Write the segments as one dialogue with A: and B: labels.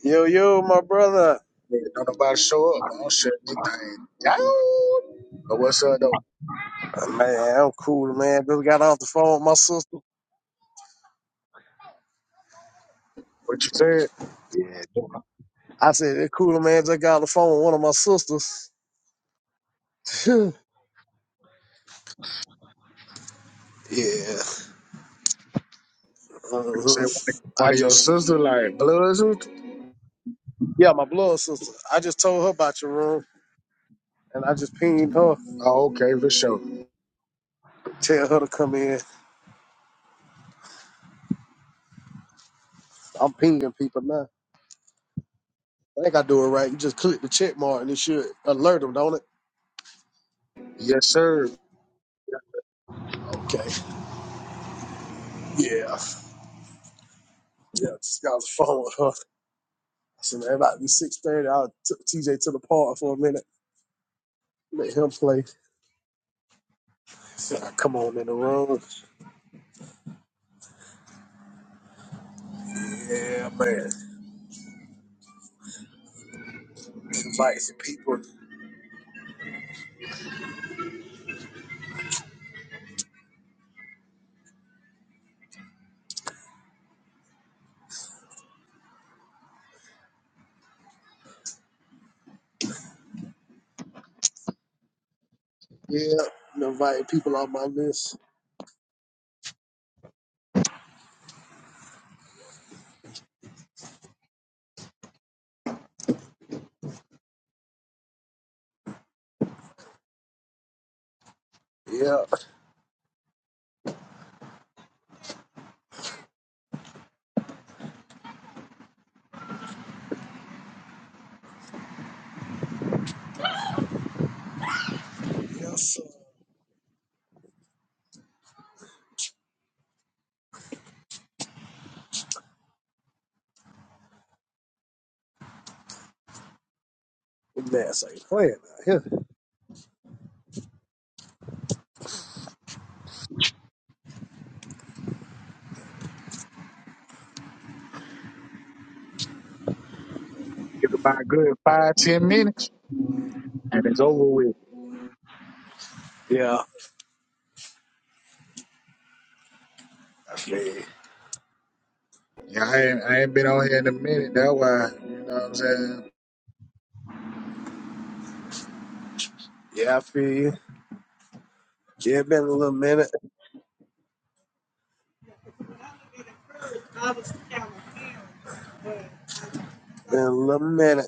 A: Yo, yo, my brother.
B: Yeah, Don't nobody show up. I don't shut this thing down. But what's up though?
A: Man, I'm cool, man. Just got off the phone with my sister.
B: What you said?
A: Yeah, I said, that cool, man. Just got off the phone with one of my sisters. yeah.
B: You
A: uh
B: said one of
A: I
B: one of your
A: just,
B: sisters like bloods? with you?
A: yeah, my blood sister. I just told her about your room and I just pinged her.
B: Oh, okay, for sure.
A: Tell her to come in. I'm pinging people now. I think I do it right. You just click the check mark and it should alert them, don't it?
B: Yes, sir.
A: Okay. Yeah. Yeah, just got off the phone with her. I said, man, about 6.30, I took TJ to the park for a minute. Let him play. So I come on in the room. Yeah, man. Invite some people. Yeah, I'm inviting people on my list. Yeah. Yes, sir. Man, so ain't playing out here.
B: Get about a good five, ten minutes, and it's over with.
A: Yeah. I feel you.
B: Yeah, I ain't, I ain't been on here in a minute. That's why, you know what I'm saying?
A: Yeah, I feel you. Yeah, been a little minute. Been a little minute.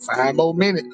B: Five more minutes.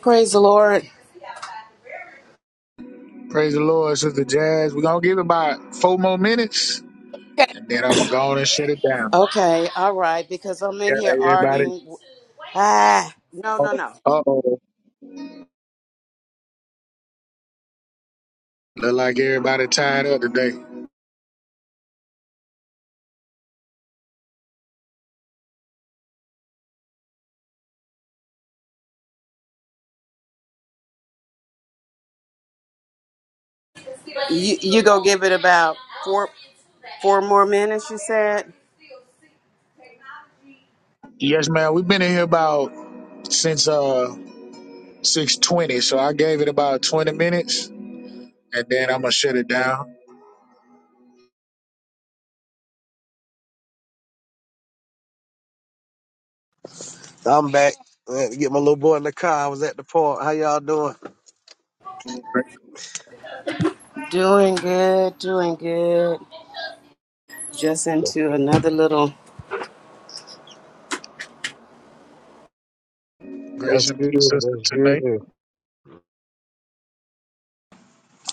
C: Praise the Lord.
B: Praise the Lord, Sister Jazz. We're going to give it about four more minutes, and then I'm going to go on and shut it down.
C: Okay, all right, because I'm in
B: Yeah,
C: here
B: everybody.
C: arguing. Ah, no,
B: Uh
C: no, no.
B: oh. Look like everybody tied up today.
C: You you go give it about four four more minutes. You said.
B: Yes, man. We've been in here about since uh six twenty, so I gave it about twenty minutes, and then I'm gonna shut it down.
A: I'm back. I had to get my little boy in the car. I was at the park. How y'all doing?
B: Gra-
C: Doing good, doing good. Just into another little.
B: Grace
A: That's
B: and
A: good.
B: peace, sister,
A: That's good.
B: tonight.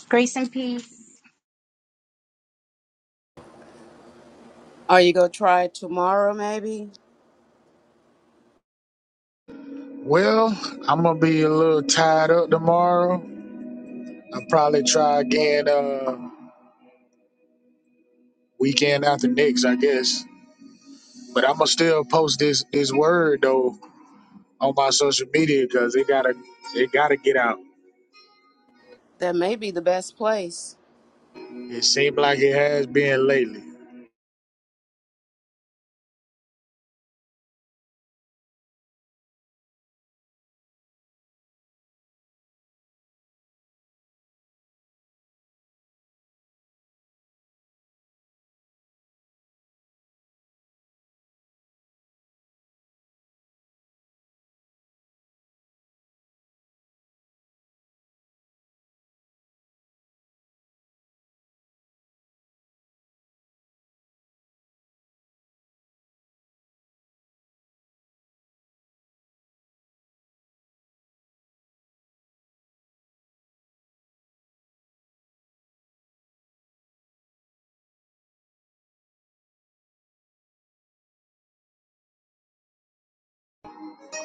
D: Grace and peace.
C: Are you gonna try tomorrow? Maybe
B: Well, I'm gonna be a little tied up tomorrow. I'll probably try again uh weekend after next, I guess. But I'm gonna still post this this word though on my social media because it gotta it gotta get out.
C: that may be the best place.
B: It seemed like it has been lately.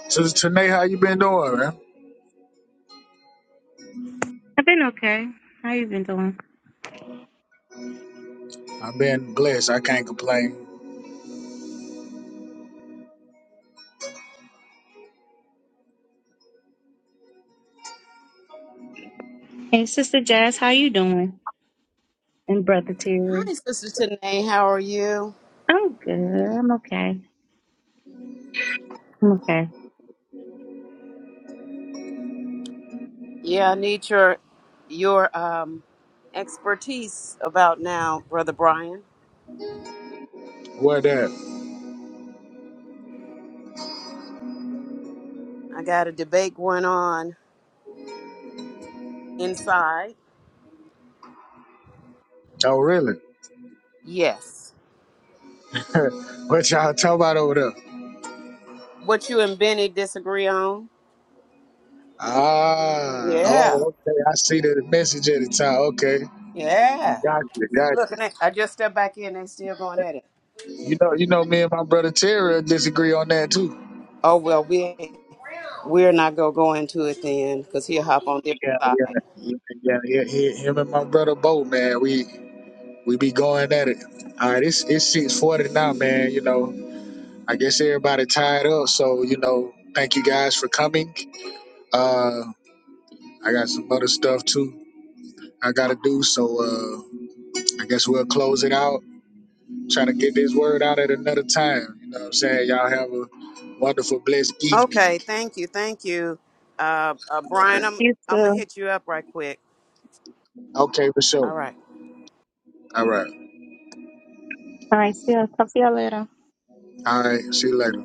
B: So Tanae, how you been doing, man?
D: I've been okay. How you been doing?
B: I've been blessed. I can't complain.
D: Hey, Sister Jazz, how you doing? And Brother Terry.
C: Hi, Sister Tanae. How are you?
D: I'm good. I'm okay. I'm okay.
C: Yeah, I need your your um expertise about now, Brother Brian.
B: What that?
C: I got a debate going on inside.
B: Oh, really?
C: Yes.
B: What y'all talking about over there?
C: What you and Benny disagree on?
B: Ah,
C: Yeah.
B: oh, okay. I see the message at the top. Okay,
C: Yeah.
B: gotcha,
C: Look,
B: gotcha.
C: and they- I just stepped back in. They still going at it.
B: You know, you know, me and my brother Terry disagree on that too.
C: Oh well, we we're not gonna go into it then, cause he'll hop on their
B: Yeah,
C: side.
B: yeah, yeah, yeah. yeah. Him and my brother Bo, man, we we be going at it. All right, it's it's six forty now, man. You know, I guess everybody tied up, so you know, thank you guys for coming. Uh, I got some other stuff too. I gotta do so. Uh, I guess we'll close it out. Try to get this word out at another time. You know what I'm saying? Y'all have a wonderful, blessed
C: Okay.
B: evening.
C: Thank you. Thank you, uh, uh,
B: All
C: Brian.
B: right.
C: I'm
D: You too.
C: I'm gonna
D: All
C: hit you up right quick.
B: Okay, for
C: All
B: sure.
C: right.
B: All right.
D: right. See ya. Talk to you all later.
B: All right. See you later.